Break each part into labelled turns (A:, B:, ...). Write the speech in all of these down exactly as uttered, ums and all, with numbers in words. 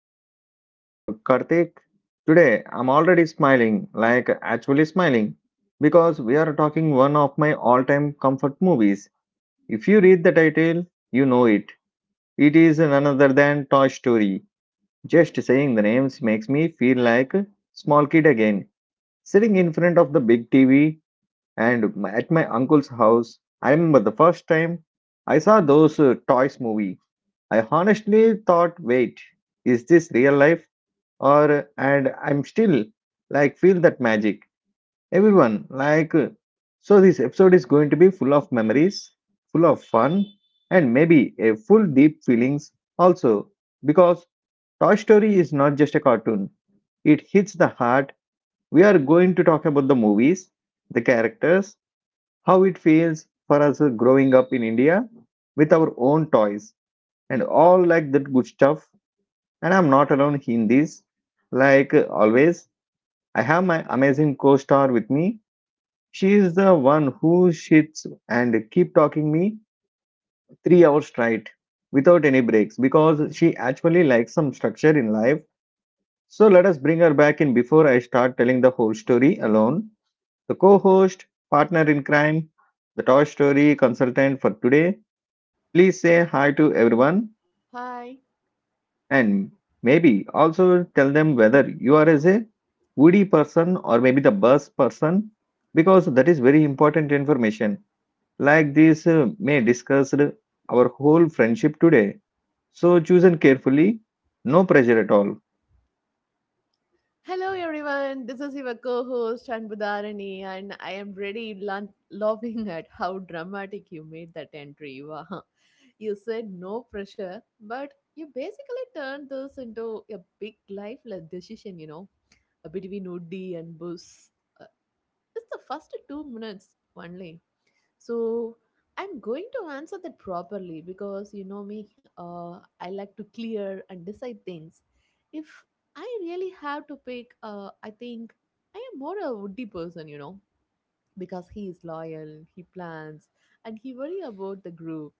A: Podcast. I'm your Karthik. Today I'm already smiling, like actually smiling, because we are talking one of my all-time comfort movies. If you read the title, you know it. It is none other than Toy Story. Just saying the names makes me feel like a small kid again, sitting in front of the big T V and at my uncle's house. I remember the first time I saw those uh, toys movie I honestly thought, wait, is this real life? Or, and I'm still like, feel that magic. Everyone, like, uh, so this episode is going to be full of memories, full of fun, and maybe a full deep feelings also. Because Toy Story is not just a cartoon, it hits the heart. We are going to talk about the movies, the characters, how it feels for us uh, growing up in India with our own toys and all like that good stuff and I'm not alone in this. Like uh, always, I have my amazing co-star with me. She is the one who sits and keep talking me three hours straight without any breaks because she actually likes some structure in life. So let us bring her back in before I start telling the whole story alone. The co-host, partner in crime, the Toy Story consultant for today. Please say hi to everyone.
B: Hi.
A: And maybe also tell them whether you are as a woody person or maybe the bus person because that is very important information like this uh, may discuss our whole friendship today, so chosen carefully, no pressure at all.
B: Hello, everyone. This is your co host, Anbudharani, and I am really lo- loving at how dramatic you made that entry. Wow. You said no pressure, but you basically turned this into a big life like, decision, you know, between Udi and Bus. Uh, it's the first two minutes only. So I'm going to answer that properly because you know me, uh, I like to clear and decide things. If I really have to pick, uh, I think I am more a woody person, you know, because he is loyal, he plans, and he worry about the group.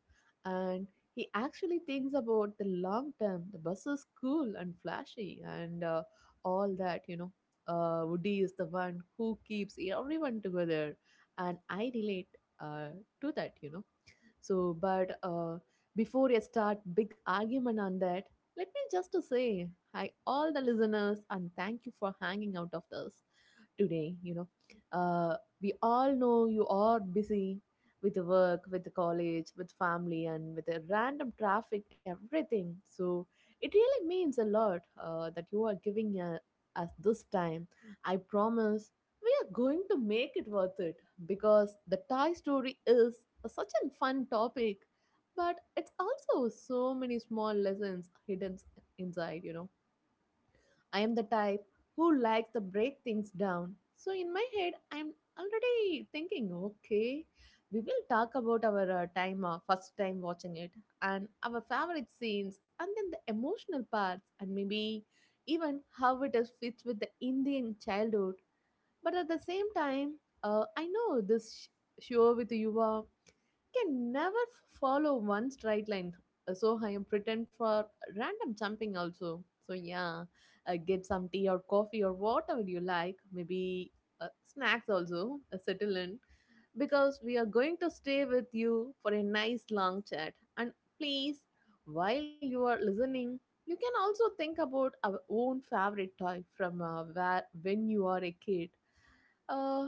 B: And he actually thinks about the long term. The bus is cool and flashy and uh, all that, you know. Uh, Woody is the one who keeps everyone together, and I relate uh, to that, you know. So, but uh, before I start big argument on that, let me just to say hi all the listeners and thank you for hanging out of this today, you know. Uh, we all know you are busy with the work, with the college, with family, and with the random traffic everything. So it really means a lot, uh, that you are giving uh, us this time. I promise we are going to make it worth it because the Thai story is a- such a fun topic, but it's also so many small lessons hidden inside, you know. I am the type who likes to break things down. So in my head, I'm already thinking, okay, we will talk about our uh, time, uh, first time watching it, and our favorite scenes, and then the emotional parts, and maybe even how it is fits with the Indian childhood. But at the same time, uh, I know this sh- show with you uh, can never f- follow one straight line. Uh, So I am pretend for random jumping also. So yeah, uh, get some tea or coffee or whatever you like. Maybe uh, snacks also. Uh, settle in because we are going to stay with you for a nice long chat. And please, while you are listening, you can also think about our own favorite toy from uh, where, when you are a kid. uh,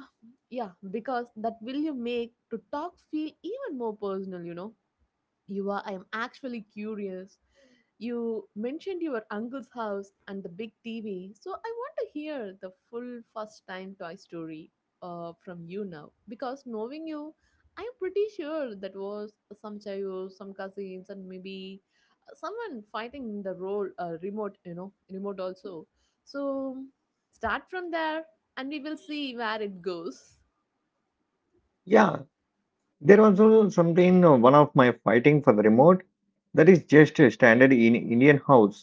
B: yeah, because that will you make to talk feel even more personal, you know. You are, I am actually curious. You mentioned your uncle's house and the big T V, so I want to hear the full first time Toy Story uh, from you now, because knowing you, I'm pretty sure that was some chaos, some cousins, and maybe someone fighting the role uh, remote, you know, remote also. So start from there and we will see where it goes.
A: Yeah, there was also something uh, one of my fighting for the remote, that is just a standard in indian house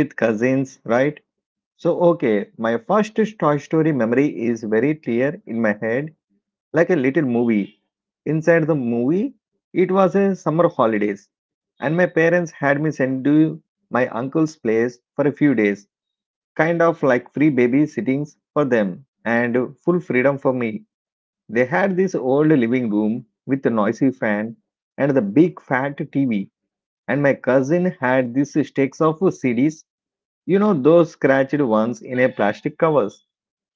A: with cousins, right? So okay, my first toy story memory is very clear in my head like a little movie. Inside the movie, it was a summer holidays, and my parents had me sent to my uncle's place for a few days, kind of like free baby sittings for them and full freedom for me. They had this old living room with a noisy fan and the big fat T V, and my cousin had these stacks of C Ds, you know, those scratched ones in a plastic cover.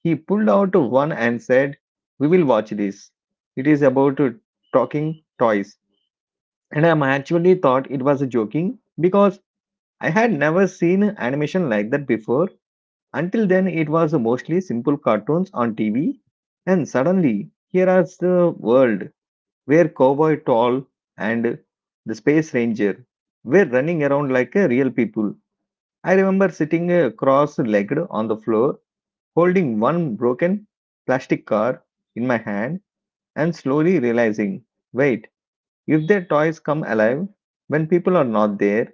A: He pulled out one and said, we will watch this. It is about talking toys. And I actually thought it was joking because I had never seen animation like that before. Until then, it was mostly simple cartoons on T V. And suddenly, here is the world where Cowboy Tall and the Space Ranger were running around like uh, real people. I remember sitting uh, cross legged on the floor holding one broken plastic car in my hand and slowly realizing wait, if their toys come alive when people are not there,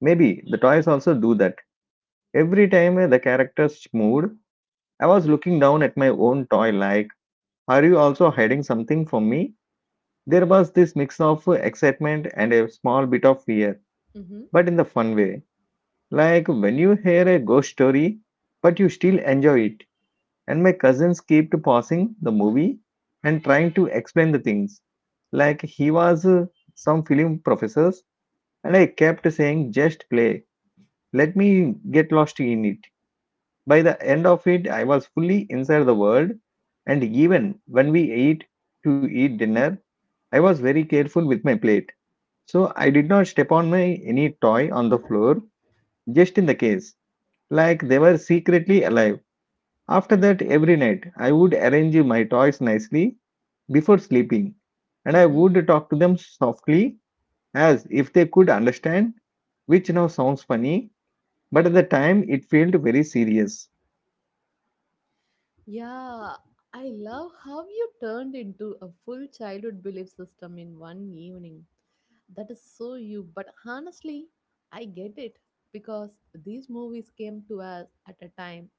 A: maybe the toys also do that. Every time uh, the characters moved, I was looking down at my own toy like, are you also hiding something from me? There was this mix of uh, excitement and a small bit of fear,
B: Mm-hmm.
A: but in the fun way. Like when you hear a ghost story, but you still enjoy it. And my cousins kept pausing the movie and trying to explain the things, like he was uh, some film professors. And I kept saying, just play. Let me get lost in it. By the end of it, I was fully inside the world. And even when we ate to eat dinner, I was very careful with my plate. So I did not step on my any toy on the floor, just in the case, like they were secretly alive. After that, every night I would arrange my toys nicely before sleeping, and I
B: Mm-hmm.
A: would talk to them softly as if they could understand, which now sounds funny, but at the time it felt very serious.
B: Yeah, I love how you turned into a full childhood belief system in one evening. That is so you, but honestly, I get it because these movies came to us at a time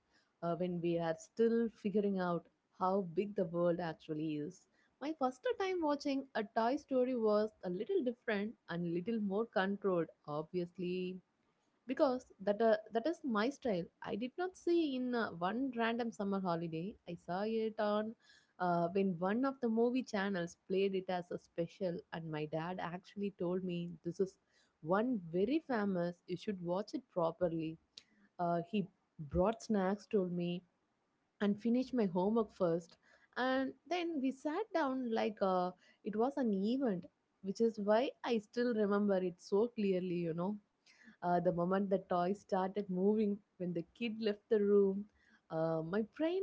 B: uh, when we are still figuring out how big the world actually is. My first time watching a Toy Story was a little different and little more controlled, obviously, because that uh, that is my style. I did not see in uh, one random summer holiday. I saw it on uh, when one of the movie channels played it as a special, and my dad actually told me this is one very famous, you should watch it properly. Uh, he brought snacks, told me and finished my homework first, and then we sat down like, uh, it was an event, which is why I still remember it so clearly, you know. Uh, the moment the toy started moving when the kid left the room, uh, my brain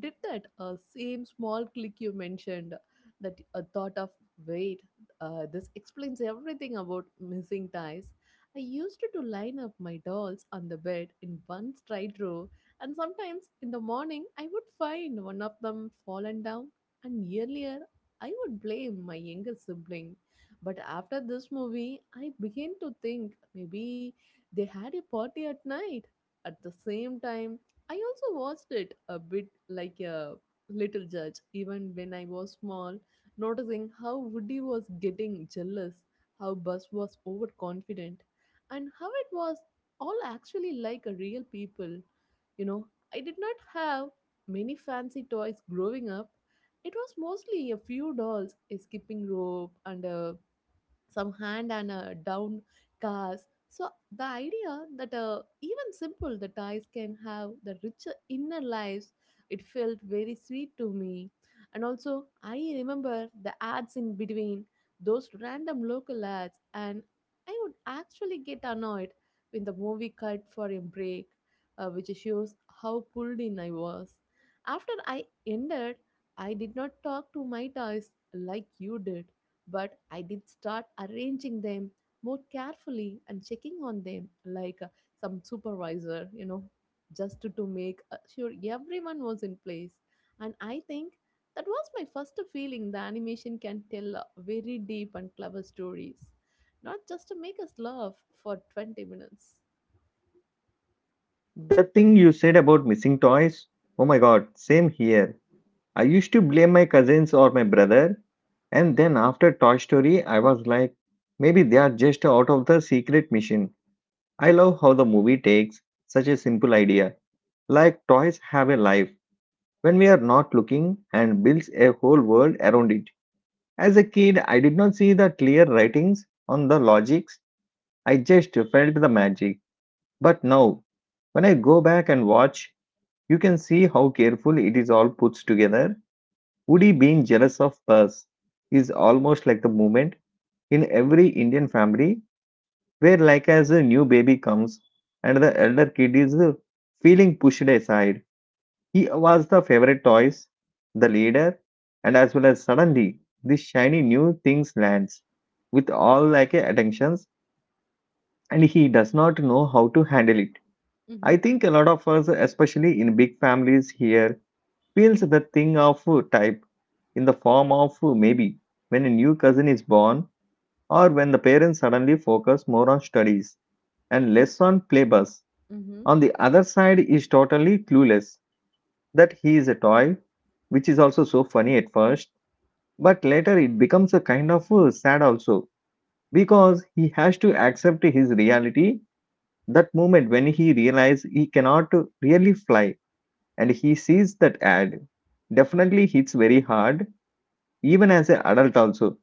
B: did that uh, same small click you mentioned, that a thought of wait, uh, this explains everything about missing ties. I used to line up my dolls on the bed in one straight row, and sometimes in the morning I would find one of them fallen down, and earlier I would blame my younger sibling, but after this movie I began to think maybe they had a party at night. At the same time, I also watched it a bit like a little judge, even when I was small, noticing how Woody was getting jealous, how Buzz was overconfident, and how it was all actually like a real people. You know, I did not have many fancy toys growing up. It was mostly a few dolls, a skipping rope, and a some hand and uh, down cars. So the idea that uh, even simple the ties can have the richer inner lives, it felt very sweet to me. And also I remember the ads in between those random local ads, and I would actually get annoyed when the movie cut for a break, uh, which shows how pulled in I was. After I ended, I did not talk to my toys like you did. But I did start arranging them more carefully and checking on them like, uh, some supervisor, you know, just to, to make uh, sure everyone was in place. And I think that was my first feeling the animation can tell uh, very deep and clever stories, not just to make us laugh for twenty minutes.
A: The thing you said about missing toys, oh my god, same here. I used to blame my cousins or my brother, and then after Toy Story, I was like, maybe they are just out of the secret mission. I love how the movie takes such a simple idea, like toys have a life when we are not looking and builds a whole world around it. As a kid, I did not see the clear writings on the logics, I just felt the magic. But now, when I go back and watch, you can see how careful it is all put together. Woody being jealous of Buzz is almost like the moment in every Indian family where like as a new baby comes and the elder kid is feeling pushed aside. He was the favorite toys, the leader, and as well as suddenly this shiny new things lands with all like a attentions and he does not know how to handle it. I
B: Mm-hmm.
A: think a lot of us, especially in big families here, feels the thing of type in the form of maybe when a new cousin is born or when the parents suddenly focus more on studies and less on playbus.
B: Mm-hmm.
A: On the other side is totally clueless that he is a toy, which is also so funny at first. But later it becomes a kind of uh, sad also because he has to accept his reality. That moment when he realizes he cannot really fly and he sees that ad definitely hits very hard, even as an adult also.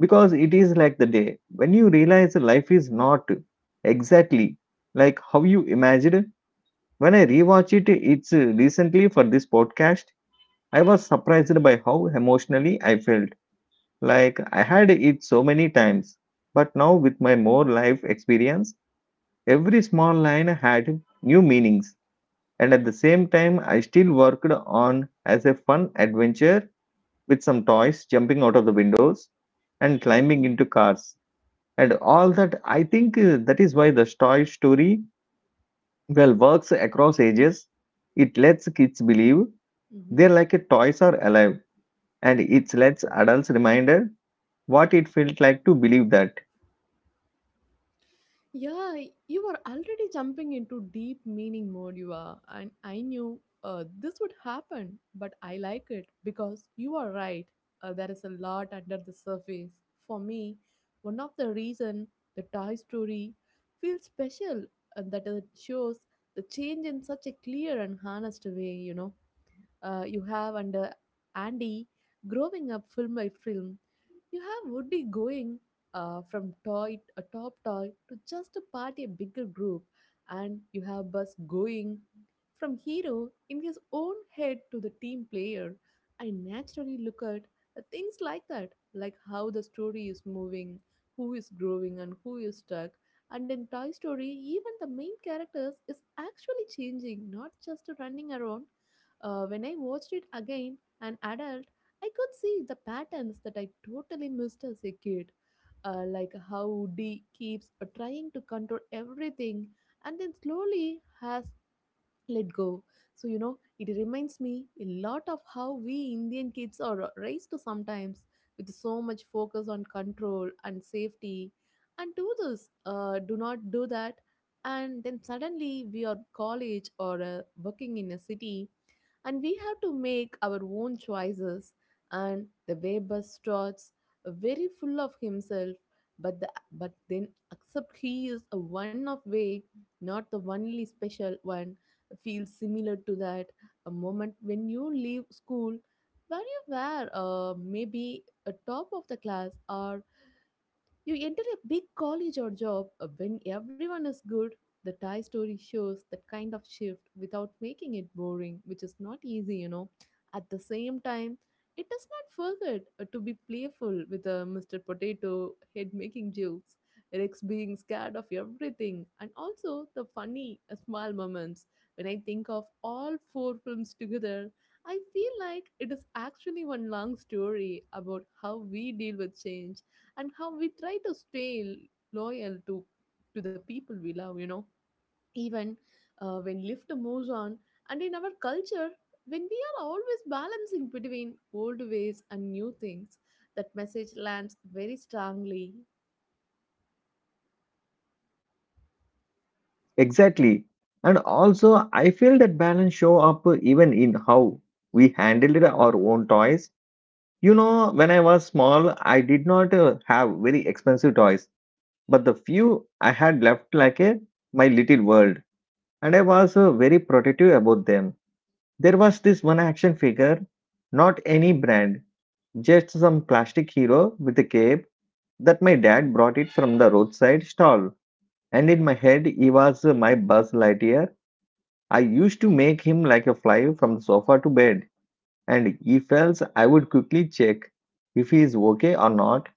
A: Because it is like the day when you realize life is not exactly like how you imagined. When I rewatch it, it's uh, recently for this podcast, I was surprised by how emotionally I felt. Like I had it so many times, but now with my more life experience, every small line had new meanings. And at the same time, I still worked on as a fun adventure with some toys jumping out of the windows and climbing into cars and all that. I think uh, that is why the toy story well works across ages. It lets kids believe
B: Mm-hmm.
A: they're like a toys are alive, and it lets adults reminder what it felt like to believe that.
B: Yeah, you are already jumping into deep meaning mode, you are. And I knew uh, this would happen, but I like it because you are right. Uh, there is a lot under the surface. For me, one of the reason the Toy Story feels special and that it shows the change in such a clear and honest way, you know, uh, you have under Andy growing up film by film. You have Woody going uh, from toy a top toy to just a party a bigger group, and you have Buzz going from hero in his own head to the team player. I naturally look at uh, things like that, like how the story is moving, who is growing, and who is stuck. And in Toy Story, even the main characters is actually changing, not just running around. Uh, when I watched it again, an adult, I could see the patterns that I totally missed as a kid. Uh, like how Woody keeps uh, trying to control everything and then slowly has let go. So you know it reminds me a lot of how we indian kids are raised sometimes, with so much focus on control and safety, and do this, uh, do not do that, and then suddenly we are college or uh, working in a city and we have to make our own choices. And the way bus trots very full of himself, but the, but then accept he is a one of way, not the only special one, feels similar to that a moment when you leave school where you were, uh, maybe a top of the class, or you enter a big college or job uh, when everyone is good. The Thai story shows that kind of shift without making it boring, which is not easy, you know. At the same time, it does not forget uh, to be playful, with uh, mister Potato Head making jokes, Rex being scared of everything, and also the funny uh, small moments. When I think of all four films together, I feel like it is actually one long story about how we deal with change and how we try to stay loyal to to the people we love, you know, even uh, when lift moves on. And in our culture, when we are always balancing between old ways and new things, that message lands very strongly.
A: Exactly. And also, I feel that balance show up even in how we handled our own toys. You know, when I was small, I did not uh, have very expensive toys, but the few I had left like a my little world, and I was uh, very protective about them. There was this one action figure, not any brand, just some plastic hero with a cape that my dad brought it from the roadside stall. And in my head, he was uh, my Buzz Lightyear. I used to make him like a fly from the sofa to bed, and if else, I would quickly check if he is okay or not,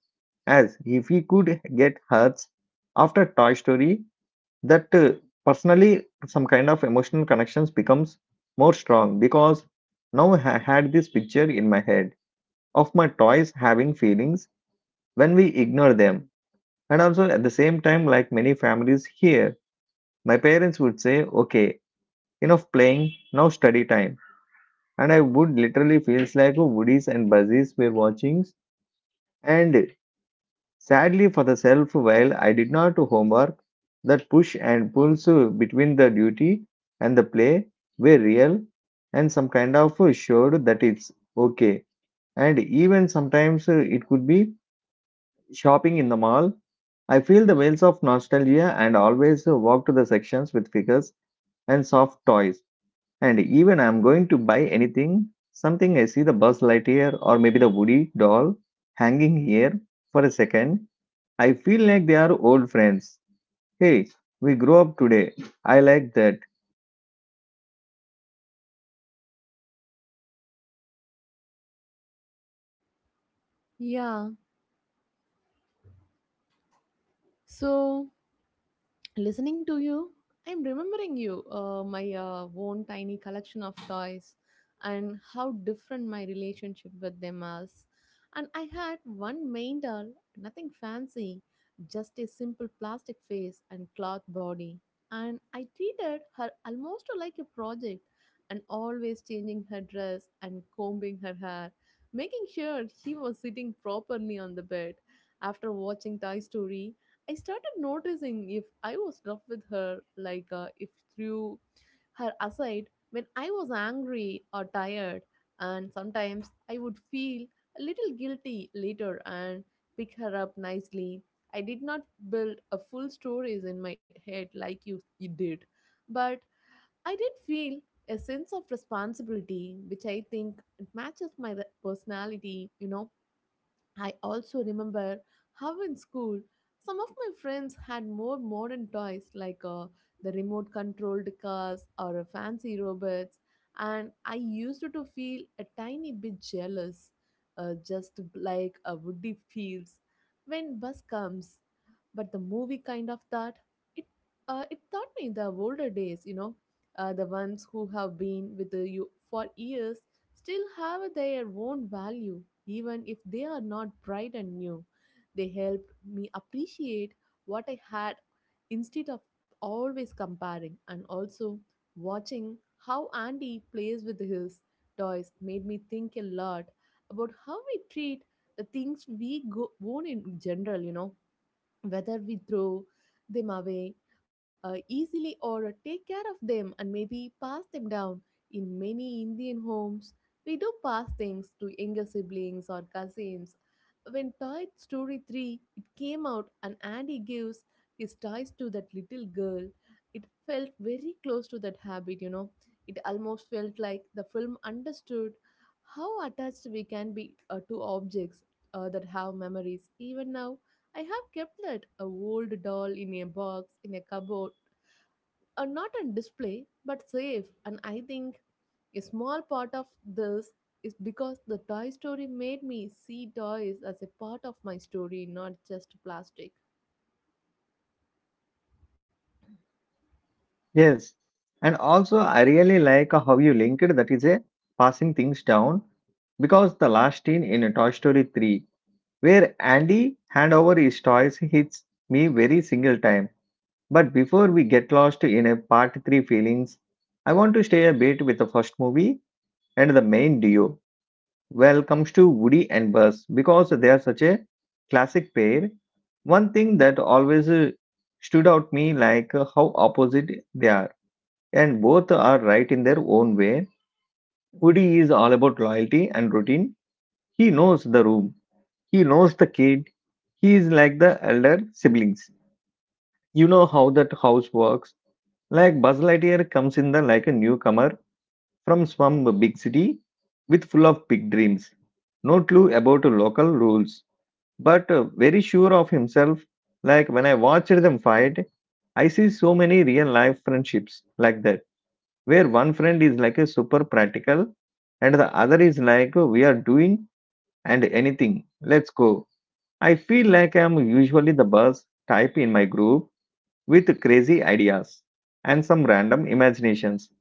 A: as if he could get hurts. After Toy Story, that uh, personally some kind of emotional connections becomes more strong because now I had this picture in my head of my toys having feelings when we ignore them. And also at the same time, like many families here, my parents would say, okay, enough playing, now study time, and I would literally feels like woodies and buzzies were watching. And sadly for the self, while I did not do homework, that push and pulls between the duty and the play were real, and some kind of showed that it's okay. And even sometimes uh, it could be shopping in the mall. I feel the waves of nostalgia and always uh, walk to the sections with figures and soft toys. And even I'm going to buy anything, something I see the Buzz Lightyear or maybe the Woody doll hanging here for a second, I feel like they are old friends. Hey, we grew up today. I like that.
B: Yeah, so, listening to you, I'm remembering you, uh, my uh, own tiny collection of toys, and how different my relationship with them is. And I had one main doll, nothing fancy, just a simple plastic face and cloth body. And I treated her almost like a project, and always changing her dress and combing her hair, making sure she was sitting properly on the bed. After watching Toy Story, I started noticing if I was rough with her, like, uh, if threw her aside when I was angry or tired, and sometimes I would feel a little guilty later and pick her up nicely. I did not build a full stories in my head like you, you did, but I did feel a sense of responsibility, which I think matches my re- personality, you know. I also remember how in school some of my friends had more modern toys like, uh, the remote controlled cars or uh, fancy robots, and I used to feel a tiny bit jealous, uh, just like a Woody feels when bus comes. But the movie kind of thought it uh, it taught me the older days, you know, uh, the ones who have been with you for years still have their own value, even if they are not bright and new. They helped me appreciate what I had instead of always comparing. And also watching how Andy plays with his toys made me think a lot about how we treat the things we go own in general you know whether we throw them away uh, easily or take care of them and maybe pass them down. In many Indian homes, we do pass things to younger siblings or cousins. When Toy Story three it came out and Andy gives his toys to that little girl, it felt very close to that habit, you know. It almost felt like the film understood how attached we can be uh, to objects uh, that have memories. Even now, I have kept that a old doll in a box in a cupboard, uh, not on display but safe. And I think a small part of this is because the Toy Story made me see toys as a part of my story, not just plastic.
A: Yes. And also, I really like how you linked that is a passing things down because the last scene in Toy Story three where Andy hand over his toys hits me very single time. But before we get lost in a part three feelings, I want to stay a bit with the first movie and the main duo. Well, comes to Woody and Buzz because they are such a classic pair. One thing that always uh, stood out me like uh, how opposite they are and both are right in their own way. Woody is all about loyalty and routine. He knows the room. He knows the kid. He is like the elder siblings. You know how that house works. Like Buzz Lightyear comes in the like a newcomer from some big city with full of big dreams. No clue about local rules, but uh, very sure of himself. Like when I watched them fight, I see so many real life friendships like that, where one friend is like a super practical and the other is like we are doing and anything. Let's go. I feel like I'm usually the buzz type in my group with crazy ideas and some random imaginations.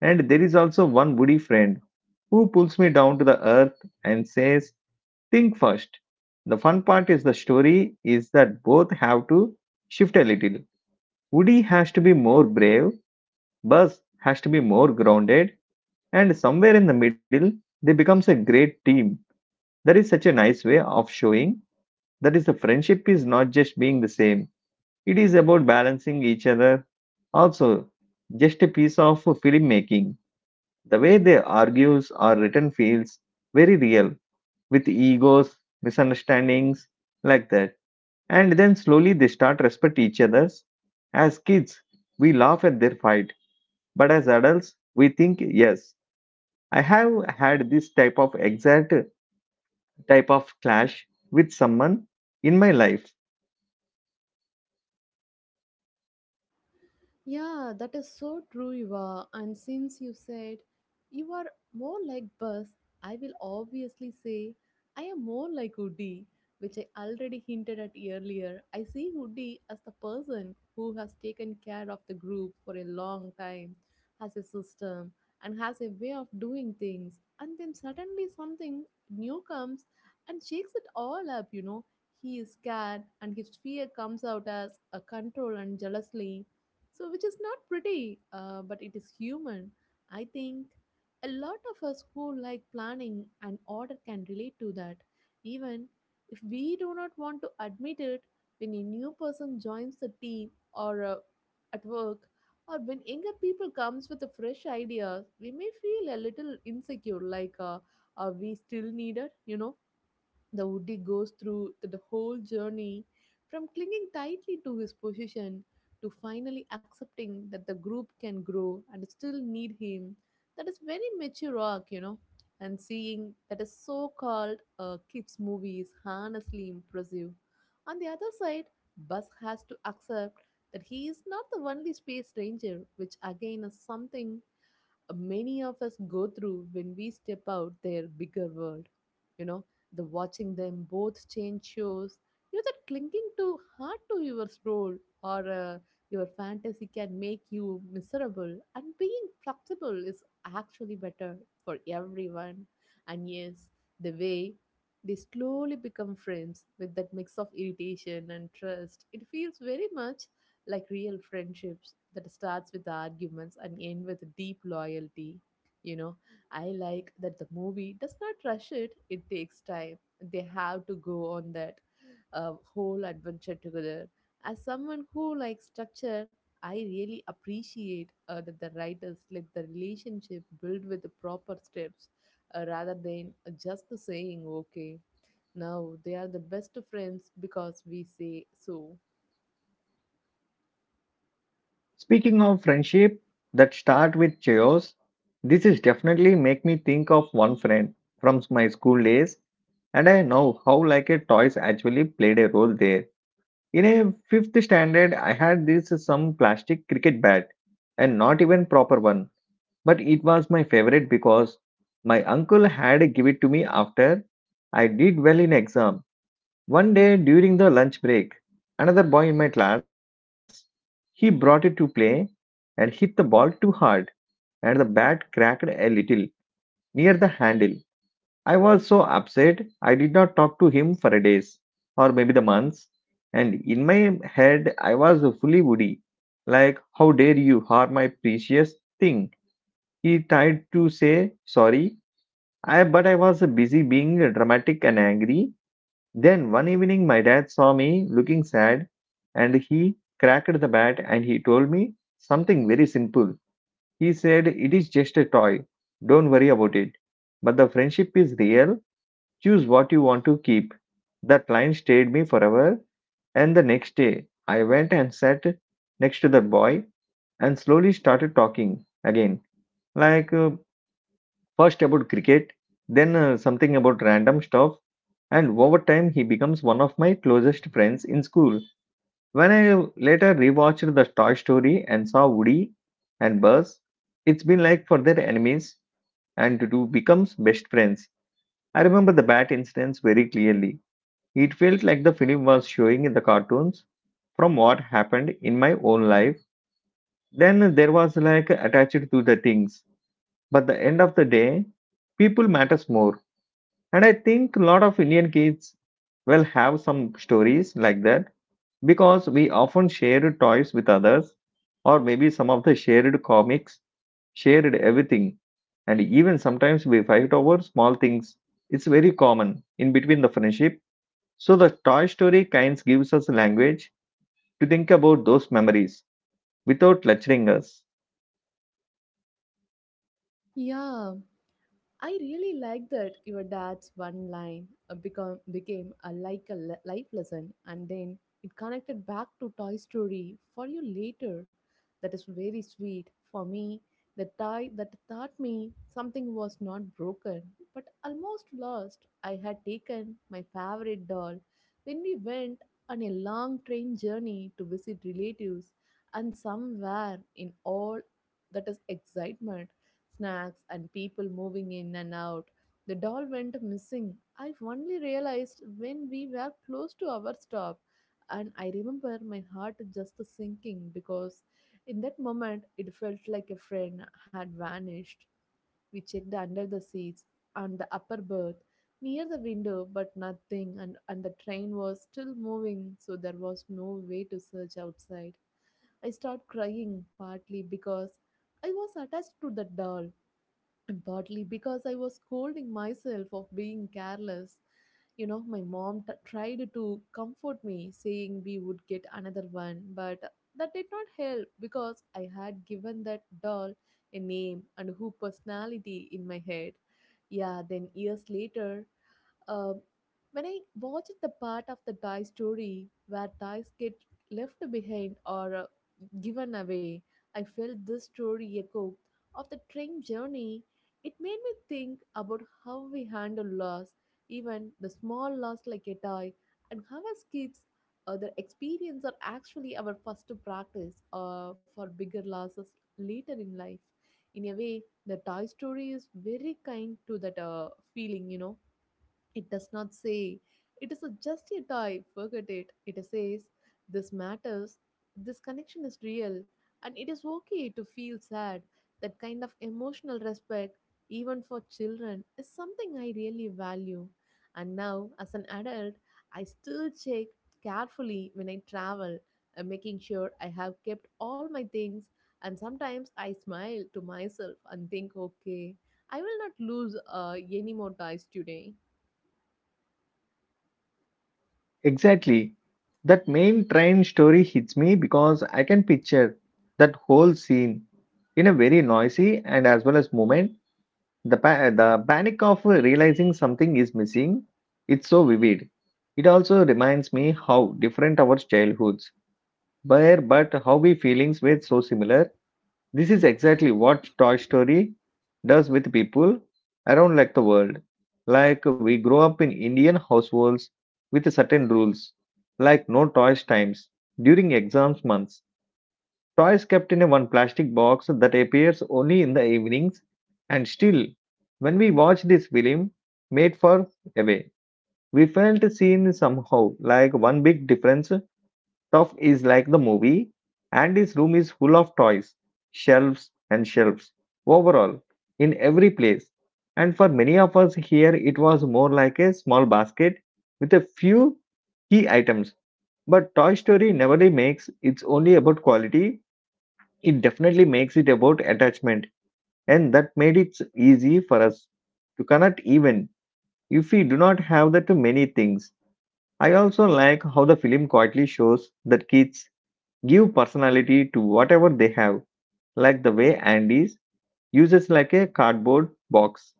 A: And there is also one woody friend who pulls me down to the earth and says, "Think first." The fun part is the story is that both have to shift a little. Woody has to be more brave, Buzz has to be more grounded, and somewhere in the middle, they becomes a great team. That is such a nice way of showing that is the friendship is not just being the same, it is about balancing each other. Also, just a piece of filmmaking. The way they argues or written feels very real, with egos, misunderstandings, like that. And then slowly they start respect each other's. As kids, we laugh at their fight, but as adults, we think, yes, I have had this type of exact type of clash with someone in my life.
B: Yeah, that is so true, Eva. And since you said you are more like bus, I will obviously say I am more like Woody, which I already hinted at earlier. I see Woody as the person who has taken care of the group for a long time, has a system, and has a way of doing things. And then suddenly something new comes and shakes it all up, you know. He is scared, and his fear comes out as a control and jealously so which is not pretty uh, but it is human. I think a lot of us who like planning and order can relate to that, even if we do not want to admit it. When a new person joins the team or uh, at work, or when younger people comes with a fresh idea, we may feel a little insecure like uh, are we still needed you know the Woody goes through the whole journey from clinging tightly to his position to finally accepting that the group can grow and still need him. That is very mature arc, you know. And seeing that a so-called uh, kids movie is honestly impressive. On the other side, Buzz has to accept that he is not the only space ranger, which again is something many of us go through when we step out their bigger world. You know, the watching them both change shows, you know, that clinging too hard to your role or uh, your fantasy can make you miserable. And being flexible is actually better for everyone. And yes, the way they slowly become friends with that mix of irritation and trust, it feels very much like real friendships that starts with arguments and end with deep loyalty you know i like that the movie does not rush it it takes time. They have to go on that uh, whole adventure together. As someone who likes structure, I really appreciate uh, that the writers let the relationship build with the proper steps, uh, rather than just the saying okay, now they are the best friends because we say so.
A: Speaking of friendship that start with chaos, this is definitely make me think of one friend from my school days, and I know how like a toys actually played a role there. In a fifth standard, I had this some plastic cricket bat, and not even proper one, but it was my favorite because my uncle had give it to me after I did well in exam. One day during the lunch break, another boy in my class, he brought it to play and hit the ball too hard and the bat cracked a little near the handle. I was so upset I did not talk to him for a days or maybe the months, and in my head I was fully woody, like how dare you harm my precious thing. He tried to say sorry, I but I was busy being dramatic and angry. Then one evening, my dad saw me looking sad and he cracked the bat and he told me something very simple. He said, "It is just a toy, don't worry about it. But the friendship is real, choose what you want to keep." That line stayed me forever. And the next day, I went and sat next to the boy and slowly started talking again, like, uh, first about cricket, then uh, something about random stuff, and over time he becomes one of my closest friends in school. When I later rewatched the Toy Story and saw Woody and Buzz, it's been like for their enemies and to do becomes best friends. I remember the bat instance very clearly. It felt like the film was showing in the cartoons from what happened in my own life. Then there was like attached to the things. But the end of the day, people matters more. And I think a lot of Indian kids will have some stories like that because we often share toys with others, or maybe some of the shared comics, shared everything. And even sometimes we fight over small things. It's very common in between the friendship. So the Toy Story kinds gives us language to think about those memories without lecturing us.
B: Yeah, I really like that your dad's one line uh, become became a like a le- life lesson, and then it connected back to Toy Story for you later. That is very sweet for me. The tie that taught me something was not broken, but almost lost. I had taken my favorite doll when we went on a long train journey to visit relatives, and somewhere in all that is excitement, snacks, and people moving in and out. The doll went missing. I only realized when we were close to our stop, and I remember my heart just sinking because in that moment it felt like a friend had vanished. We checked under the seats and the upper berth near the window, but nothing, and, and the train was still moving, so there was no way to search outside. I started crying partly because I was attached to the doll, partly because I was scolding myself of being careless. You know, my mom t- tried to comfort me, saying we would get another one, but that did not help because I had given that doll a name and who personality in my head. Yeah, then years later, um, when I watched the part of the die story where dice get left behind or uh, given away, I felt this story echo of the train journey. It made me think about how we handle loss, even the small loss like a die, and how as kids, uh, their experience are actually our first practice uh, for bigger losses later in life. In a way, the Toy Story is very kind to that uh, feeling, you know. It does not say, it is a just a toy, forget it. It says, this matters, this connection is real, and it is okay to feel sad. That kind of emotional respect, even for children, is something I really value. And now, as an adult, I still check carefully when I travel, uh, making sure I have kept all my things. And sometimes I smile to myself and think, okay, I will not lose uh, any more ties today.
A: Exactly. That main train story hits me because I can picture that whole scene in a very noisy and as well as moment. The, pa- the panic of realizing something is missing, it's so vivid. It also reminds me how different our childhoods were, but how we feelings were so similar. This is exactly what Toy Story does with people around like the world. Like we grow up in Indian households with certain rules, like no toys times during exams months. Toys kept in a one plastic box that appears only in the evenings, and still, when we watch this film made for away, we felt seen somehow, like one big difference. Stuff is like the movie, and his room is full of toys, shelves and shelves, overall, in every place. And for many of us here, it was more like a small basket with a few key items. But Toy Story never really makes it's only about quality, it definitely makes it about attachment, and that made it easy for us to connect even if we do not have that many things. I also like how the film quietly shows that kids give personality to whatever they have, like the way Andy's uses like a cardboard box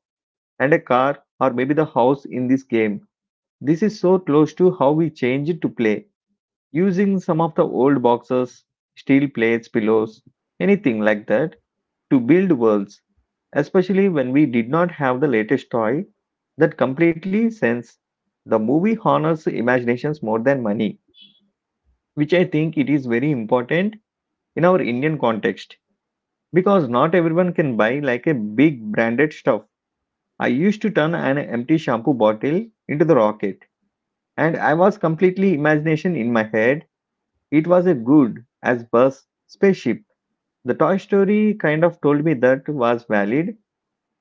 A: and a car or maybe the house in this game. This is so close to how we changed to play, using some of the old boxes, steel plates, pillows, anything like that to build worlds, especially when we did not have the latest toy that completely sense. The movie honors imaginations more than money, which I think it is very important in our Indian context. Because not everyone can buy like a big branded stuff. I used to turn an empty shampoo bottle into the rocket, and I was completely imagination in my head. It was a good as bus spaceship. The Toy Story kind of told me that was valid.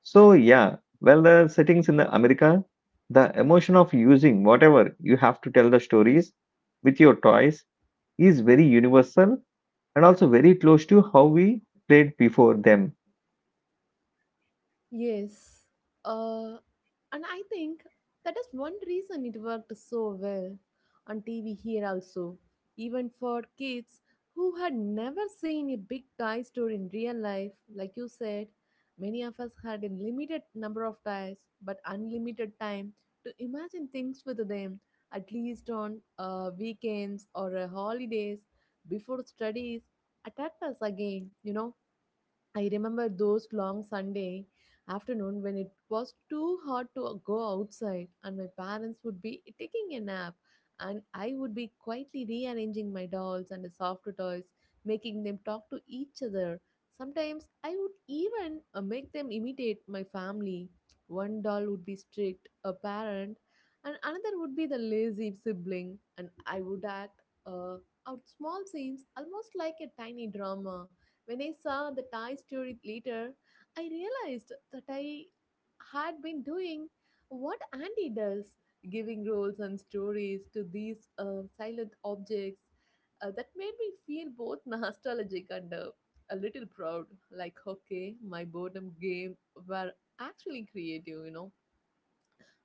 A: So yeah, well the settings in the America, the emotion of using whatever you have to tell the stories with your toys is very universal and also very close to how we played before them.
B: Yes. Uh, and I think that is one reason it worked so well on T V here also, even for kids who had never seen a big toy store in real life. Like you said, many of us had a limited number of toys but unlimited time to imagine things with them, at least on uh, weekends or uh, holidays before studies attacked us again, you know. I remember those long Sunday afternoon when it was too hot to go outside and my parents would be taking a nap, and I would be quietly rearranging my dolls and the soft toys, making them talk to each other. Sometimes I would even uh, make them imitate my family. One doll would be strict, a parent, and another would be the lazy sibling, and I would act uh, out small scenes almost like a tiny drama. When I saw the Toy Story later, I realized that I had been doing what Andy does, giving roles and stories to these uh, silent objects. Uh, that made me feel both nostalgic and uh, a little proud. Like, okay, my boredom game were actually creative, you know.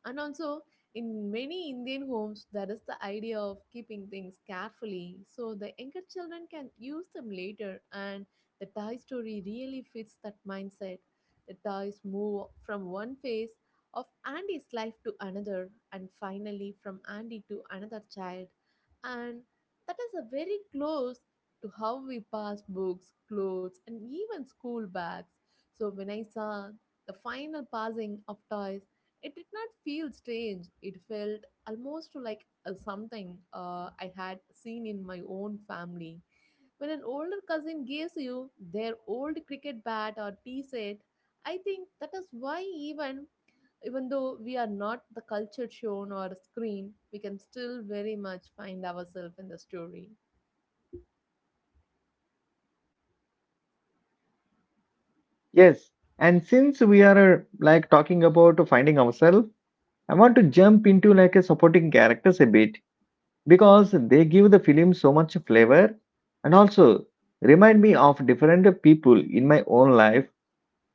B: And also, in many Indian homes, there is the idea of keeping things carefully so the younger children can use them later. And the toy story really fits that mindset. The toys move from one phase of Andy's life to another, and finally from Andy to another child. And that is a very close to how we pass books, clothes, and even school bags. So when I saw the final passing of toys, it did not feel strange. It felt almost like a something uh, I had seen in my own family. When an older cousin gives you their old cricket bat or tea set, I think that is why even even though we are not the culture shown or screen, we can still very much find ourselves in the story.
A: Yes, and since we are uh, like talking about finding ourselves, I want to jump into like a supporting characters a bit because they give the film so much flavor and also remind me of different people in my own life.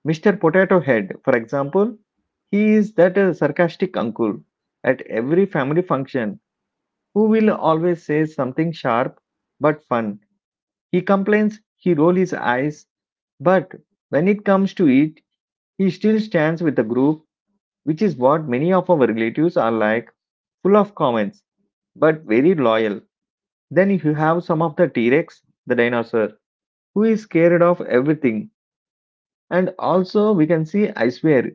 A: Mister Potato Head, for example, he is that uh, sarcastic uncle at every family function who will always say something sharp but fun. He complains, he rolls his eyes, but when it comes to it, he still stands with the group, which is what many of our relatives are like, full of comments, but very loyal. Then you have some of the T Rex, the dinosaur, who is scared of everything. And also, we can see, I swear,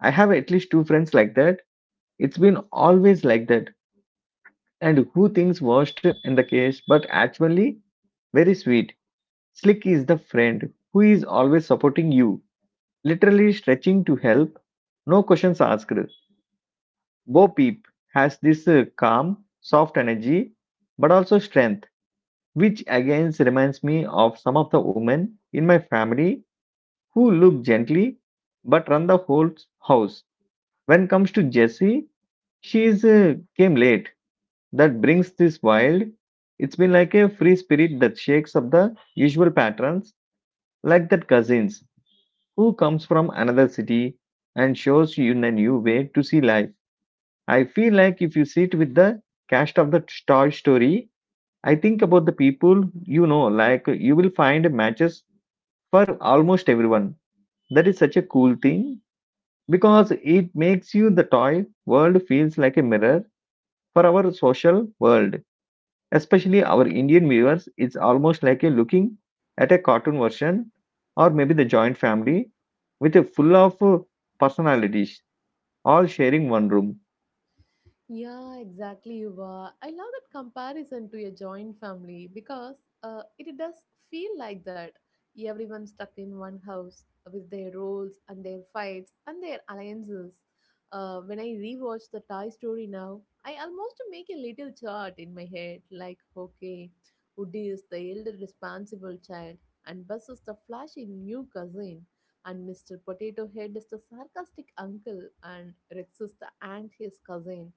A: I have at least two friends like that. It's been always like that. And who thinks worst in the case, but actually very sweet. Slick is the friend who is always supporting you, literally stretching to help, no questions asked. Bo Peep has this uh, calm, soft energy, but also strength, which again reminds me of some of the women in my family who look gently but run the whole house. When it comes to Jessie, she is, uh, came late. That brings this wild. It's been like a free spirit that shakes up the usual patterns, like that cousins who comes from another city and shows you in a new way to see life. I feel like if you sit with the cast of the Toy Story, I think about the people you know, like you will find matches for almost everyone. That is such a cool thing because it makes you the toy world feels like a mirror for our social world. Especially our Indian viewers, it's almost like a looking at a cartoon version or maybe the joint family with a full of uh, personalities all sharing one room.
B: Yeah, exactly, Yuva. I love that comparison to a joint family because uh, it does feel like that. Everyone stuck in one house with their roles and their fights and their alliances. Uh, when I rewatch the Thai story now, I almost make a little chart in my head like, okay, Udi is the elder responsible child, and Bus is the flashy new cousin, and mister Potato Head is the sarcastic uncle, and Rex is the anxious cousin.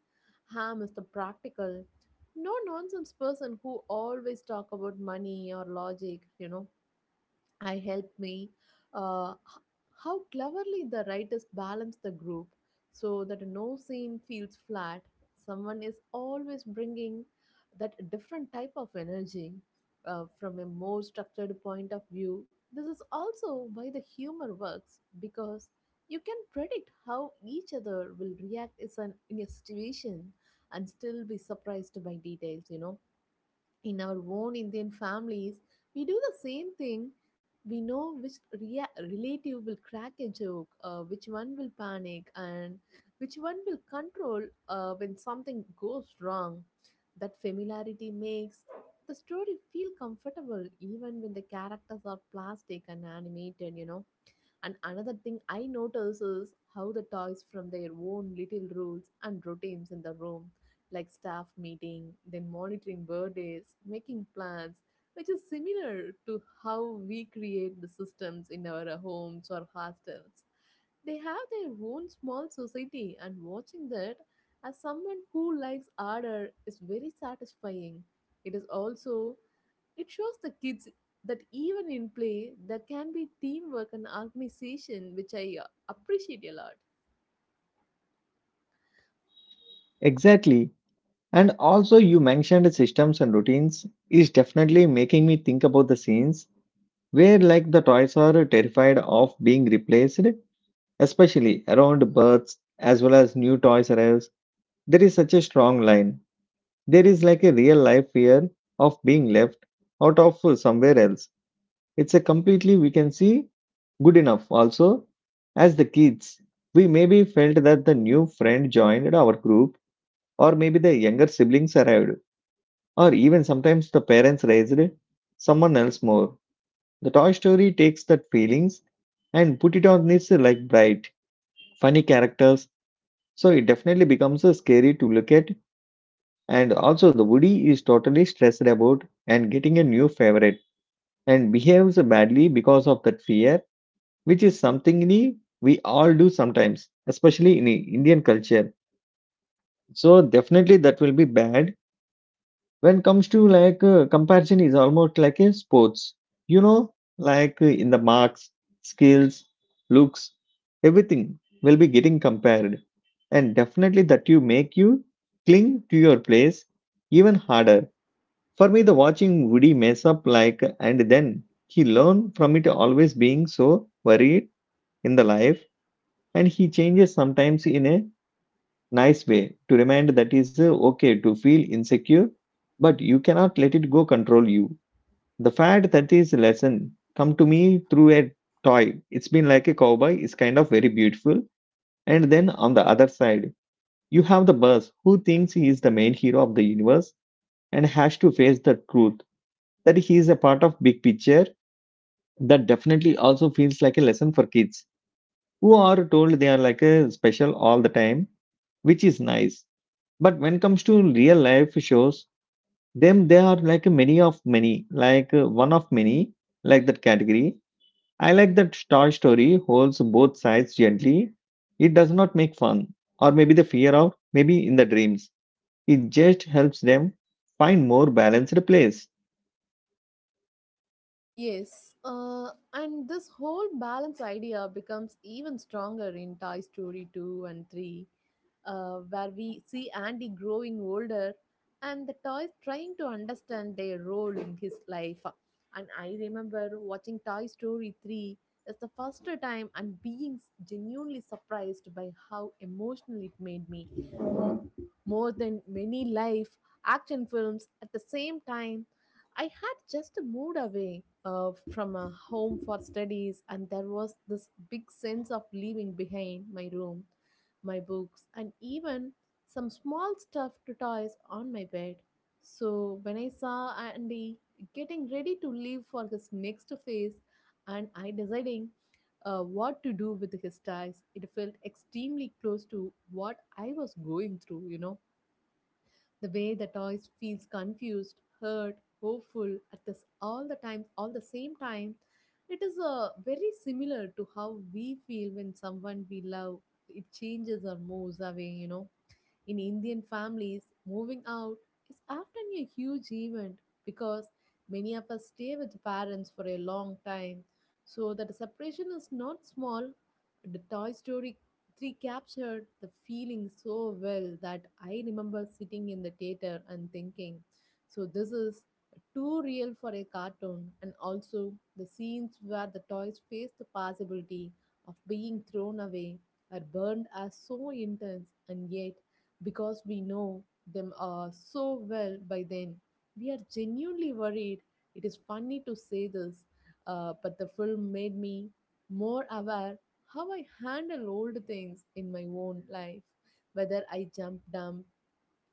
B: Ham is the practical, no nonsense person who always talk about money or logic, you know. I helped me uh, h- how cleverly the writers balance the group so that no scene feels flat. Someone is always bringing that different type of energy uh, from a more structured point of view. This is also why the humor works because you can predict how each other will react is an, in a situation and still be surprised by details, you know. In our own Indian families, we do the same thing. We know which rea- relative will crack a joke, uh, which one will panic, and which one will control uh, when something goes wrong. That familiarity makes the story feel comfortable even when the characters are plastic and animated, you know. And another thing I notice is how the toys from their own little rules and routines in the room, like staff meeting, then monitoring birthdays, making plans, which is similar to how we create the systems in our uh, homes or hostels. They have their own small society, and watching that as someone who likes order is very satisfying. It is also it shows the kids that even in play, there can be teamwork and organization, which I uh, appreciate a lot.
A: Exactly. And also, you mentioned systems and routines is definitely making me think about the scenes where, like, the toys are terrified of being replaced, especially around births as well as new toys arrives. There is such a strong line. There is like a real life fear of being left out of somewhere else. It's a completely we can see good enough. Also, as the kids, we maybe felt that the new friend joined our group, or maybe the younger siblings arrived or even sometimes the parents raised someone else more. The Toy Story takes that feelings and put it on this like bright, funny characters, so it definitely becomes uh, scary to look at. And also, the Woody is totally stressed about and getting a new favorite and behaves badly because of that fear, which is something we we all do sometimes, especially in Indian culture. So definitely that will be bad when comes to like uh, comparison is almost like a sports, you know, like uh, in the marks, skills, looks, everything will be getting compared, and definitely that you make you cling to your place even harder. For me the watching Woody mess up like and then he learn from it always being so worried in the life, and he changes sometimes in a nice way to remind that is uh, okay to feel insecure, but you cannot let it go control you. The fact that is lesson come to me through a toy it's been like a cowboy is kind of very beautiful. And then on the other side, you have the boss who thinks he is the main hero of the universe and has to face the truth that he is a part of big picture. That definitely also feels like a lesson for kids who are told they are like a special all the time, which is nice, but when it comes to real life shows them they are like many of many, like uh, one of many, like that category. I like that star story holds both sides gently. It does not make fun or maybe the fear of maybe in the dreams. It just helps them find more balanced place.
B: Yes, uh, and this whole balance idea becomes even stronger in Toy Story 2 and 3, uh, where we see Andy growing older and the toys trying to understand their role in his life. And I remember watching Toy Story three as the first time and being genuinely surprised by how emotional it made me, more than many live action films at the same time. I had just moved away uh, from a home for studies, and there was this big sense of leaving behind my room, my books, and even some small stuffed toys on my bed. So when I saw Andy getting ready to leave for his next phase, and I deciding uh, what to do with his ties, it felt extremely close to what I was going through, you know, the way the toy feels confused, hurt, hopeful at this all the time, all the same time. It is uh, very similar to how we feel when someone we love it changes or moves away. You know. In Indian families, moving out is often a huge event because many of us stay with parents for a long time. So that the separation is not small. The Toy Story three captured the feeling so well that I remember sitting in the theater and thinking, so this is too real for a cartoon. And also the scenes where the toys face the possibility of being thrown away or burned are so intense and yet because we know them uh, so well by then. We are genuinely worried. It is funny to say this, uh, but the film made me more aware how I handle old things in my own life, whether I jump dump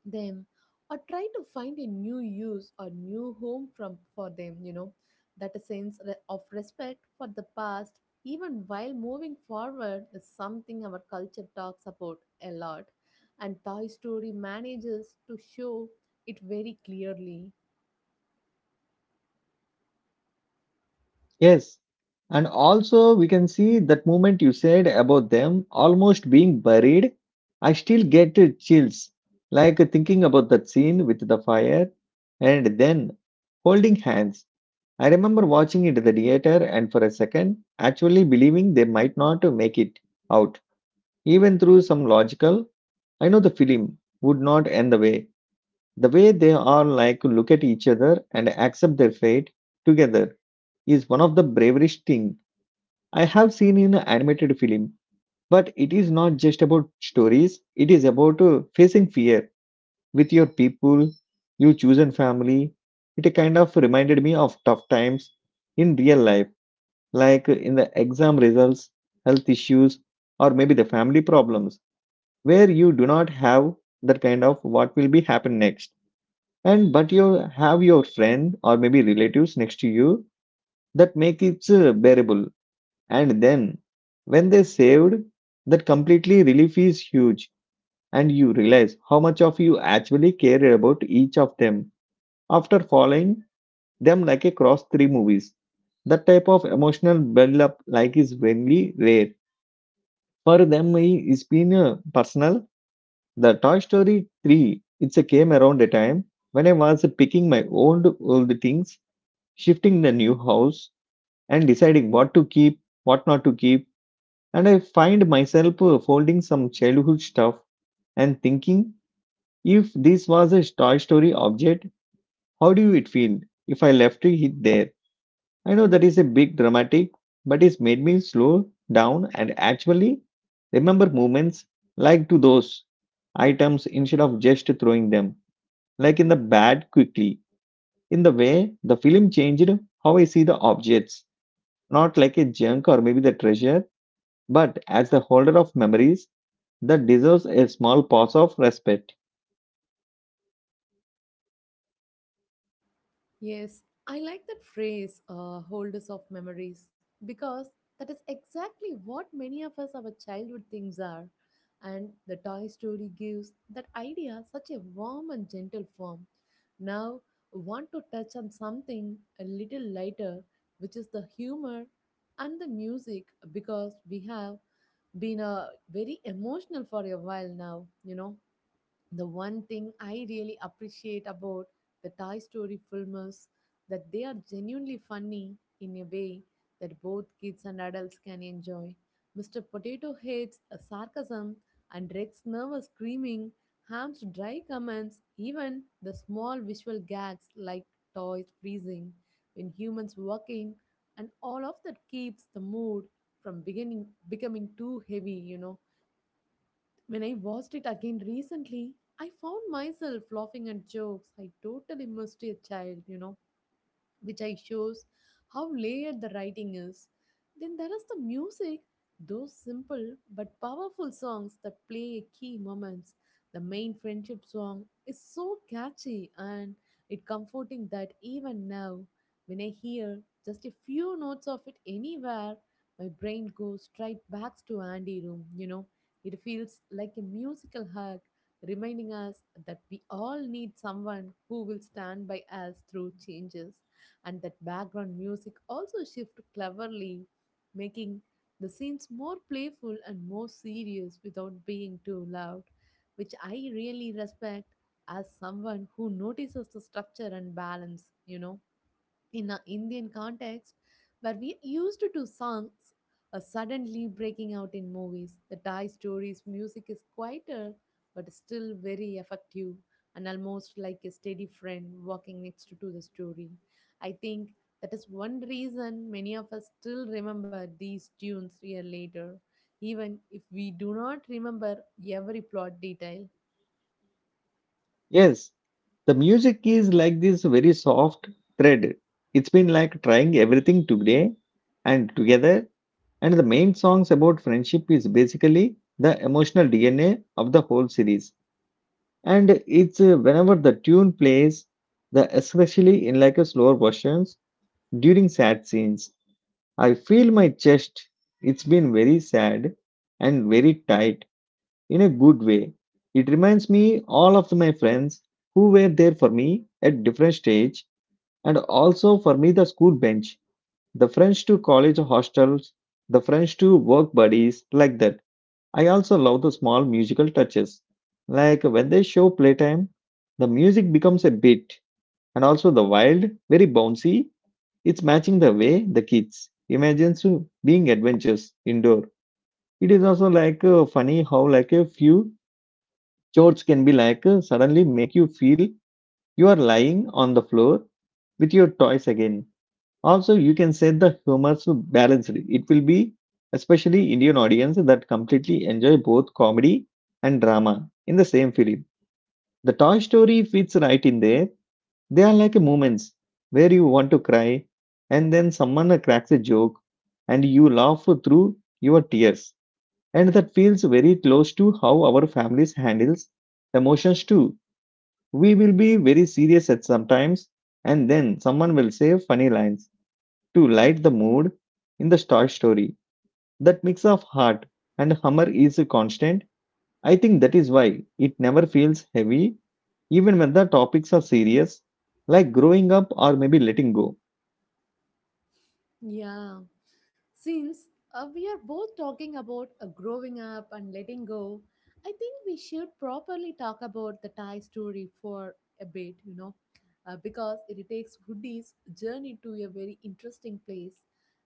B: them or try to find a new use or new home from for them, you know, that a sense re- of respect for the past even while moving forward is something our culture talks about a lot, and Toy Story manages to show it very clearly.
A: Yes. And also, we can see that moment you said about them almost being buried. I still get uh, chills, like uh, thinking about that scene with the fire and then holding hands. I remember watching it at the theater and for a second, actually believing they might not uh, make it out. Even through some logical, I know the film would not end the way. The way they are like look at each other and accept their fate together is one of the bravest things I have seen in an animated film, but it is not just about stories, it is about uh, facing fear with your people, your chosen family. It kind of reminded me of tough times in real life, like in the exam results, health issues, or maybe the family problems, where you do not have that kind of what will be happen next. And but you have your friend or maybe relatives next to you that make it uh, bearable, and then when they saved, that completely relief is huge, and you realize how much of you actually care about each of them after following them like across three movies. That type of emotional build-up like is very rare. For them, i- it's been uh, personal. The Toy Story three, it's a came around a time when I was picking my own old things, shifting the new house, and deciding what to keep, what not to keep. And I find myself uh, folding some childhood stuff and thinking if this was a Toy Story object, how do it feel if I left it there? I know that is a big dramatic, but it's made me slow down and actually remember moments like to those items instead of just throwing them, like in the bad quickly. In the way the film changed how I see the objects, not like a junk or maybe the treasure, but as the holder of memories that deserves a small pause of respect.
B: Yes, I like that phrase, uh, holders of memories, because that is exactly what many of us our childhood things are. And the Toy Story gives that idea such a warm and gentle form. Now, want to touch on something a little lighter, which is the humor and the music, because we have been uh, very emotional for a while now, you know, the one thing I really appreciate about the Toy Story film is that they are genuinely funny in a way that both kids and adults can enjoy. mister Potato Head's uh, sarcasm and Rex's nervous screaming, Ham's dry comments, even the small visual gags like toys freezing when humans walk in, and all of that keeps the mood from beginning becoming too heavy, you know, when I watched it again recently, I found myself laughing at jokes I totally missed as a child, you know, which I shows how layered the writing is. Then there is the music, those simple but powerful songs that play key moments. The main friendship song is so catchy and it comforting that even now, when I hear just a few notes of it anywhere, my brain goes straight back to Andy room, you know. It feels like a musical hug, reminding us that we all need someone who will stand by us through changes, and that background music also shifts cleverly, making the scenes more playful and more serious without being too loud, which I really respect as someone who notices the structure and balance, you know, in an Indian context where we used to do songs are suddenly breaking out in movies. The Thai stories music is quieter but still very effective and almost like a steady friend walking next to the story. I think that is one reason many of us still remember these tunes year later, even if we do not remember every plot detail.
A: Yes, the music is like this very soft thread. It's been like trying everything today and together, and the main songs about friendship is basically the emotional D N A of the whole series. And it's uh, whenever the tune plays, the especially in like a slower versions during sad scenes, I feel my chest. It's been very sad and very tight in a good way. It reminds me all of my friends who were there for me at different stage, and also for me the school bench, the friends to college hostels, the friends to work buddies like that. I also love the small musical touches. Like when they show playtime, the music becomes a beat and also the wild, very bouncy. It's matching the way the kids imagines being adventures indoor. It is also like uh, funny how like a few chores can be like uh, suddenly make you feel you are lying on the floor with your toys again. Also, you can set the humor to balance it. It will be especially Indian audience that completely enjoy both comedy and drama in the same film. The Toy Story fits right in there. They are like moments where you want to cry, and then someone cracks a joke, and you laugh through your tears. And that feels very close to how our families handles emotions too. We will be very serious at sometimes, and then someone will say funny lines to light the mood in the Toy Story. That mix of heart and humor is a constant. I think that is why it never feels heavy, even when the topics are serious, like growing up or maybe letting go.
B: Yeah. Since uh, we are both talking about uh, growing up and letting go, I think we should properly talk about the Thai story for a bit, you know, uh, because it takes Hoodie's journey to a very interesting place.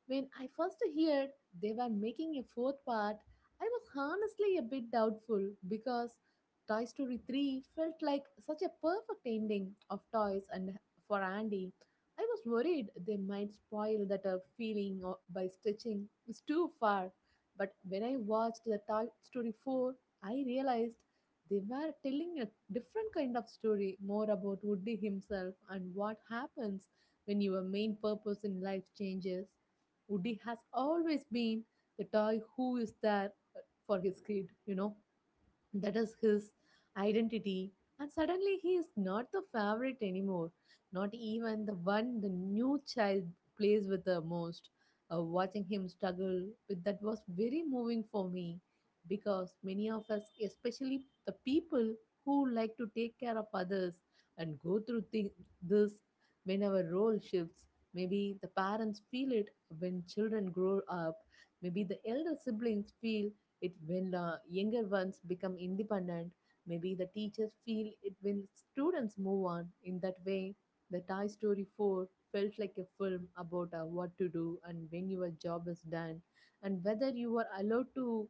B: When I first heard they were making a fourth part, I was honestly a bit doubtful because Toy Story three felt like such a perfect ending of toys, and for Andy I was worried they might spoil that uh, feeling o- by stretching is too far. But when I watched the Toy Story four, I realized they were telling a different kind of story, more about Woody himself and what happens when your main purpose in life changes. Woody has always been the toy who is there uh, for his kid, you know, that is his identity, and suddenly he is not the favorite anymore, not even the one the new child plays with the most. Uh, watching him struggle with that was very moving for me because many of us, especially the people who like to take care of others, and go through thi- this when our role shifts. Maybe the parents feel it when children grow up, maybe the elder siblings feel it when the younger ones become independent, maybe the teachers feel it when students move on. In that way, the Toy Story four felt like a film about uh, what to do and when your job is done, and whether you are allowed to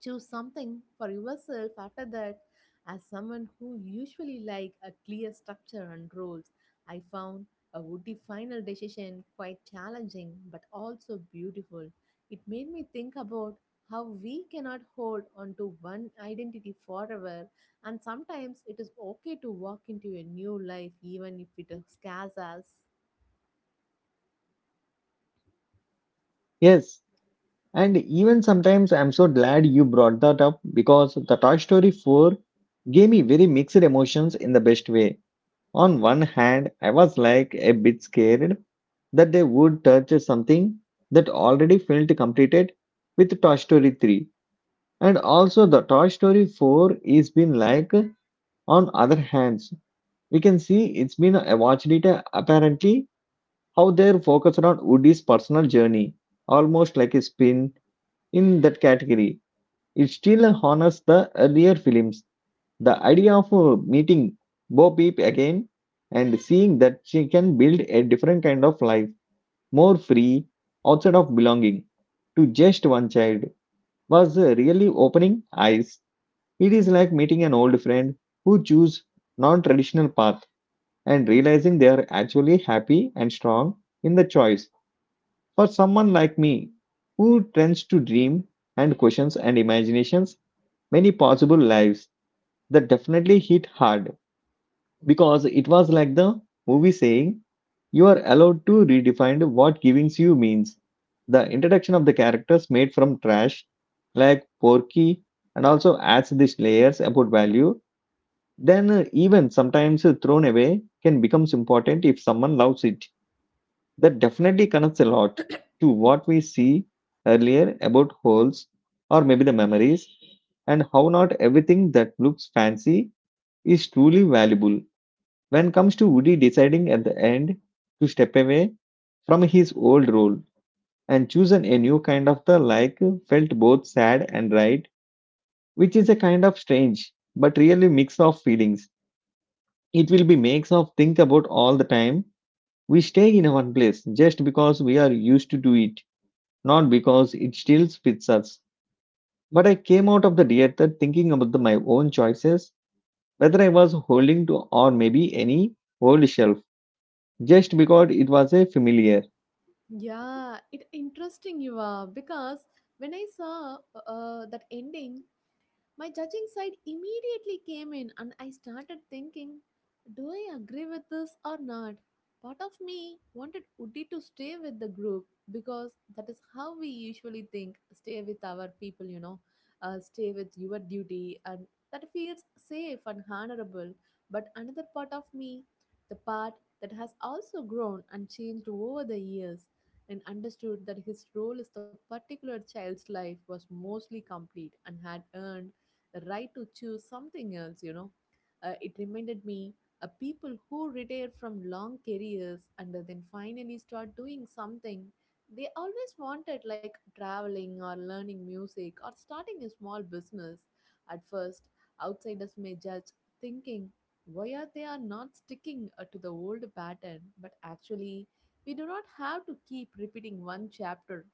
B: choose something for yourself after that. As someone who usually like a clear structure and rules, I found a Woody final decision quite challenging but also beautiful. It made me think about how we cannot hold on to one identity forever, and sometimes it is okay to walk into a new life even if it scares us.
A: Yes, and even sometimes I'm so glad you brought that up because the Toy Story four gave me very mixed emotions in the best way. On one hand, I was like a bit scared that they would touch something that already felt completed with Toy Story three. And also, the Toy Story four is been like, on other hands, we can see it's been a watched it uh, apparently how they're focused on Woody's personal journey, almost like a spin in that category. It still honors the earlier films. The idea of uh, meeting Bo Peep again and seeing that she can build a different kind of life, more free, outside of belonging to just one child was uh, really opening eyes. It is like meeting an old friend who choose non-traditional path and realizing they are actually happy and strong in the choice. For someone like me who tends to dream and questions and imaginations many possible lives, that definitely hit hard because it was like the movie saying, "You are allowed to redefine what giving you means." The introduction of the characters made from trash, like Porky, and also adds these layers about value. Then, uh, even sometimes uh, thrown away can become important if someone loves it. That definitely connects a lot to what we see earlier about holes or maybe the memories and how not everything that looks fancy is truly valuable. When comes to Woody deciding at the end to step away from his old role and chosen a new kind of the like felt both sad and right, which is a kind of strange but really mix of feelings. It will be makes of think about all the time. We stay in one place just because we are used to do it, not because it still fits us. But I came out of the theater thinking about the, my own choices, whether I was holding to or maybe any old shelf, just because it was a familiar.
B: Yeah, it interesting you are because when I saw uh, that ending, my judging side immediately came in, and I started thinking, do I agree with this or not? Part of me wanted Udi to stay with the group because that is how we usually think, stay with our people, you know, uh, stay with your duty, and that feels safe and honorable. But another part of me, the part that has also grown and changed over the years, and understood that his role as the particular child's life was mostly complete and had earned the right to choose something else, you know. Uh, it reminded me uh, people who retire from long careers and then finally start doing something they always wanted, like traveling or learning music or starting a small business. At first, outsiders may judge, thinking why are they are not sticking uh, to the old pattern, but actually, we do not have to keep repeating one chapter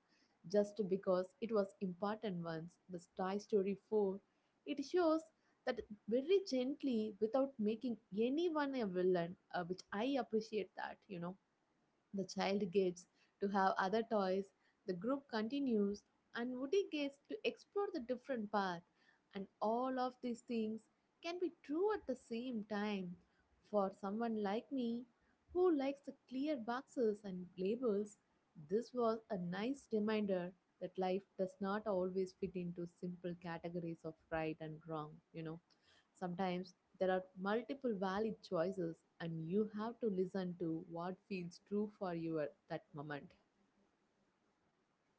B: just because it was important once. The Spy Story four it shows that very gently without making anyone a villain, uh, which I appreciate that, you know. The child gets to have other toys, the group continues, and Woody gets to explore the different path. And all of these things can be true at the same time. For someone like me, who likes the clear boxes and labels, this was a nice reminder that life does not always fit into simple categories of right and wrong, you know. Sometimes there are multiple valid choices, and you have to listen to what feels true for you at that moment.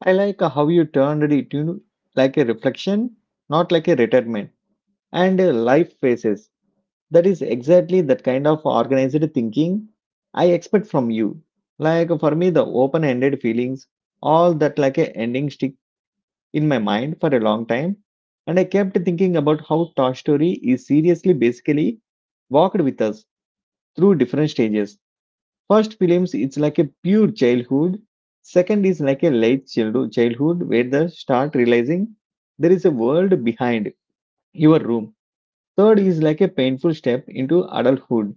A: I like how you turned it, you know, like a reflection, not like a retirement. And uh, life phases. That is exactly that kind of organized thinking I expect from you. Like for me, the open-ended feelings, all that like a ending stick in my mind for a long time. And I kept thinking about how Toy Story is seriously basically walked with us through different stages. First films it's like a pure childhood. Second is like a late childhood childhood where the start realizing there is a world behind your room. Third is like a painful step into adulthood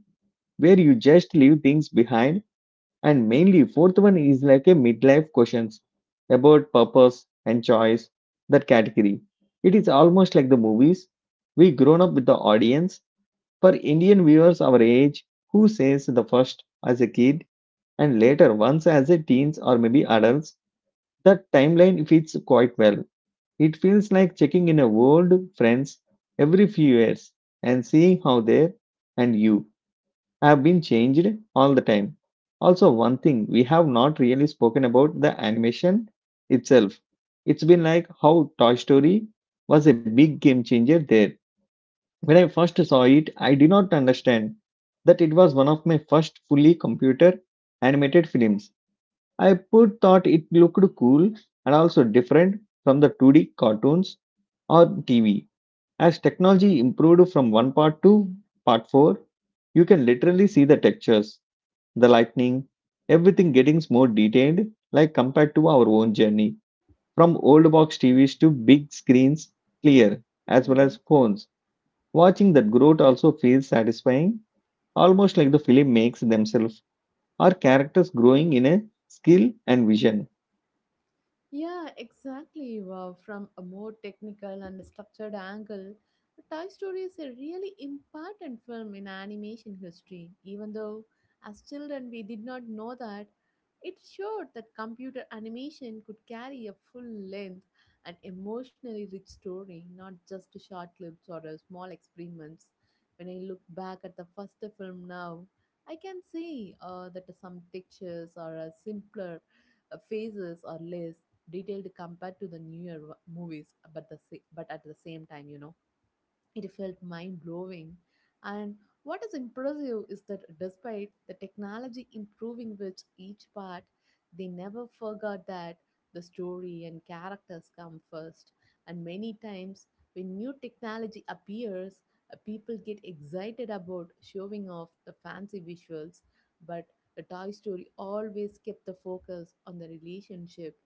A: where you just leave things behind. And mainly fourth one is like a midlife questions about purpose and choice, that category. It is almost like the movies. We grown up with the audience. For Indian viewers our age, who says the first as a kid and later, once as a teens or maybe adults, that timeline fits quite well. It feels like checking in a old friends every few years and seeing how they and you have been changed all the time. Also, one thing we have not really spoken about the animation itself. It's been like how Toy Story was a big game changer there. When I first saw it, I did not understand that it was one of my first fully computer animated films. I put thought it looked cool and also different from the two D cartoons or T V. As technology improved from one part to part four, you can literally see the textures, the lightning, everything getting more detailed, like compared to our own journey from old box T Vs to big screens, clear as well as phones. Watching that growth also feels satisfying, almost like the film makes themselves, our characters growing in a skill and vision.
B: Yeah, exactly. Wow. From a more technical and structured angle, Toy Story is a really important film in animation history. Even though, as children, we did not know that, it showed that computer animation could carry a full length and emotionally rich story, not just short clips or uh, small experiments. When I look back at the first film now, I can see uh, that some textures are uh, simpler, uh, phases are less detailed compared to the newer movies, but the sa- but at the same time, you know, it felt mind blowing. And what is impressive is that despite the technology improving with each part, they never forgot that the story and characters come first. And many times, when new technology appears, uh, people get excited about showing off the fancy visuals, but the Toy Story always kept the focus on the relationship,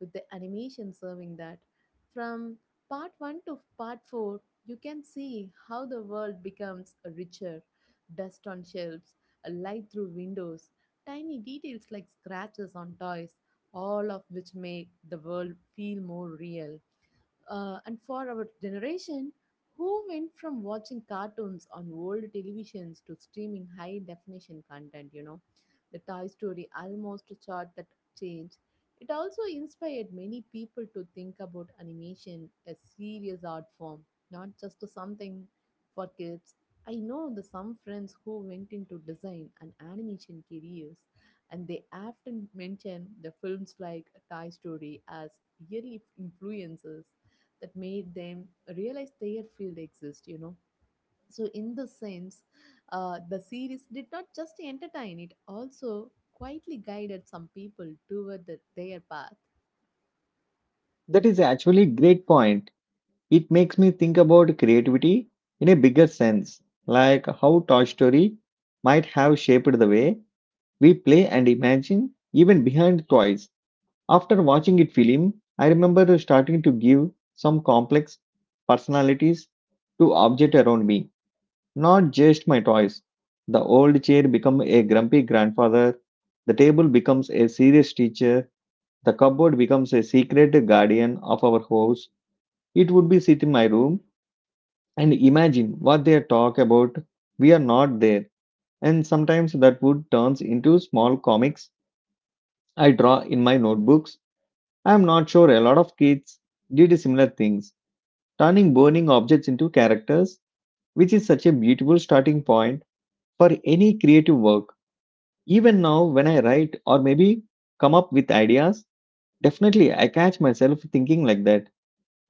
B: with the animation serving that. From part one to part four, you can see how the world becomes richer, dust on shelves, a light through windows, tiny details like scratches on toys, all of which make the world feel more real. Uh, and for our generation, who went from watching cartoons on old televisions to streaming high definition content, you know, the Toy Story almost chart that change. It also inspired many people to think about animation as serious art form, not just something for kids. I know the some friends who went into design and animation careers, and they often mention the films like Toy Story as yearly influences that made them realize their field exists, you know, so in the sense, uh, the series did not just entertain, it also quietly guided some people toward the, their path.
A: That is actually a great point. It makes me think about creativity in a bigger sense, like how Toy Story might have shaped the way we play and imagine even behind toys. After watching it film, I remember starting to give some complex personalities to objects around me, not just my toys. The old chair becomes a grumpy grandfather, the table becomes a serious teacher, the cupboard becomes a secret guardian of our house. It would be sit in my room and imagine what they talk about. We are not there. And sometimes that would turns into small comics I draw in my notebooks. I am not sure a lot of kids did similar things, turning burning objects into characters, which is such a beautiful starting point for any creative work. Even now, when I write or maybe come up with ideas, definitely I catch myself thinking like that,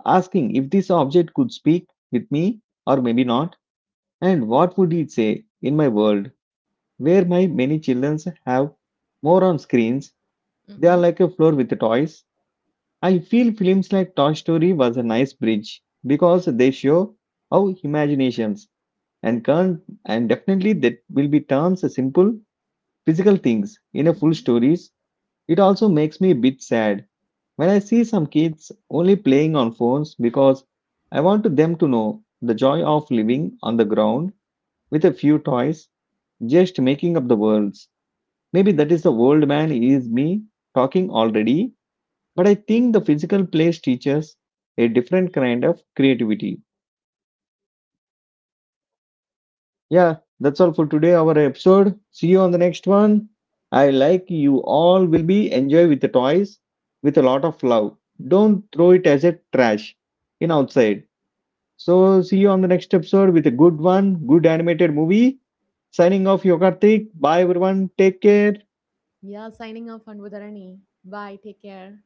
A: asking if this object could speak with me or maybe not. And what would it say in my world where my many children have more on screens? They are
B: Mm-hmm.
A: like a floor with toys. I feel films like Toy Story was a nice bridge because they show how imaginations and can and definitely that will be turns simple physical things in a full
B: Mm-hmm.
A: stories. It also makes me a bit sad when I see some kids only playing on phones because I want them to know the joy of living on the ground with a few toys just making up the worlds. Maybe that is the old man is me talking already, but I think the physical place teaches a different kind of creativity. Yeah, that's all for today, our episode. See you on the next one. I like you all will be enjoy with the toys with a lot of love. Don't throw it as a trash in outside. So see you on the next episode with a good one, good animated movie. Signing off, Yogartik. Bye everyone. Take care.
B: Yeah, signing off on Budarani. Bye, take care.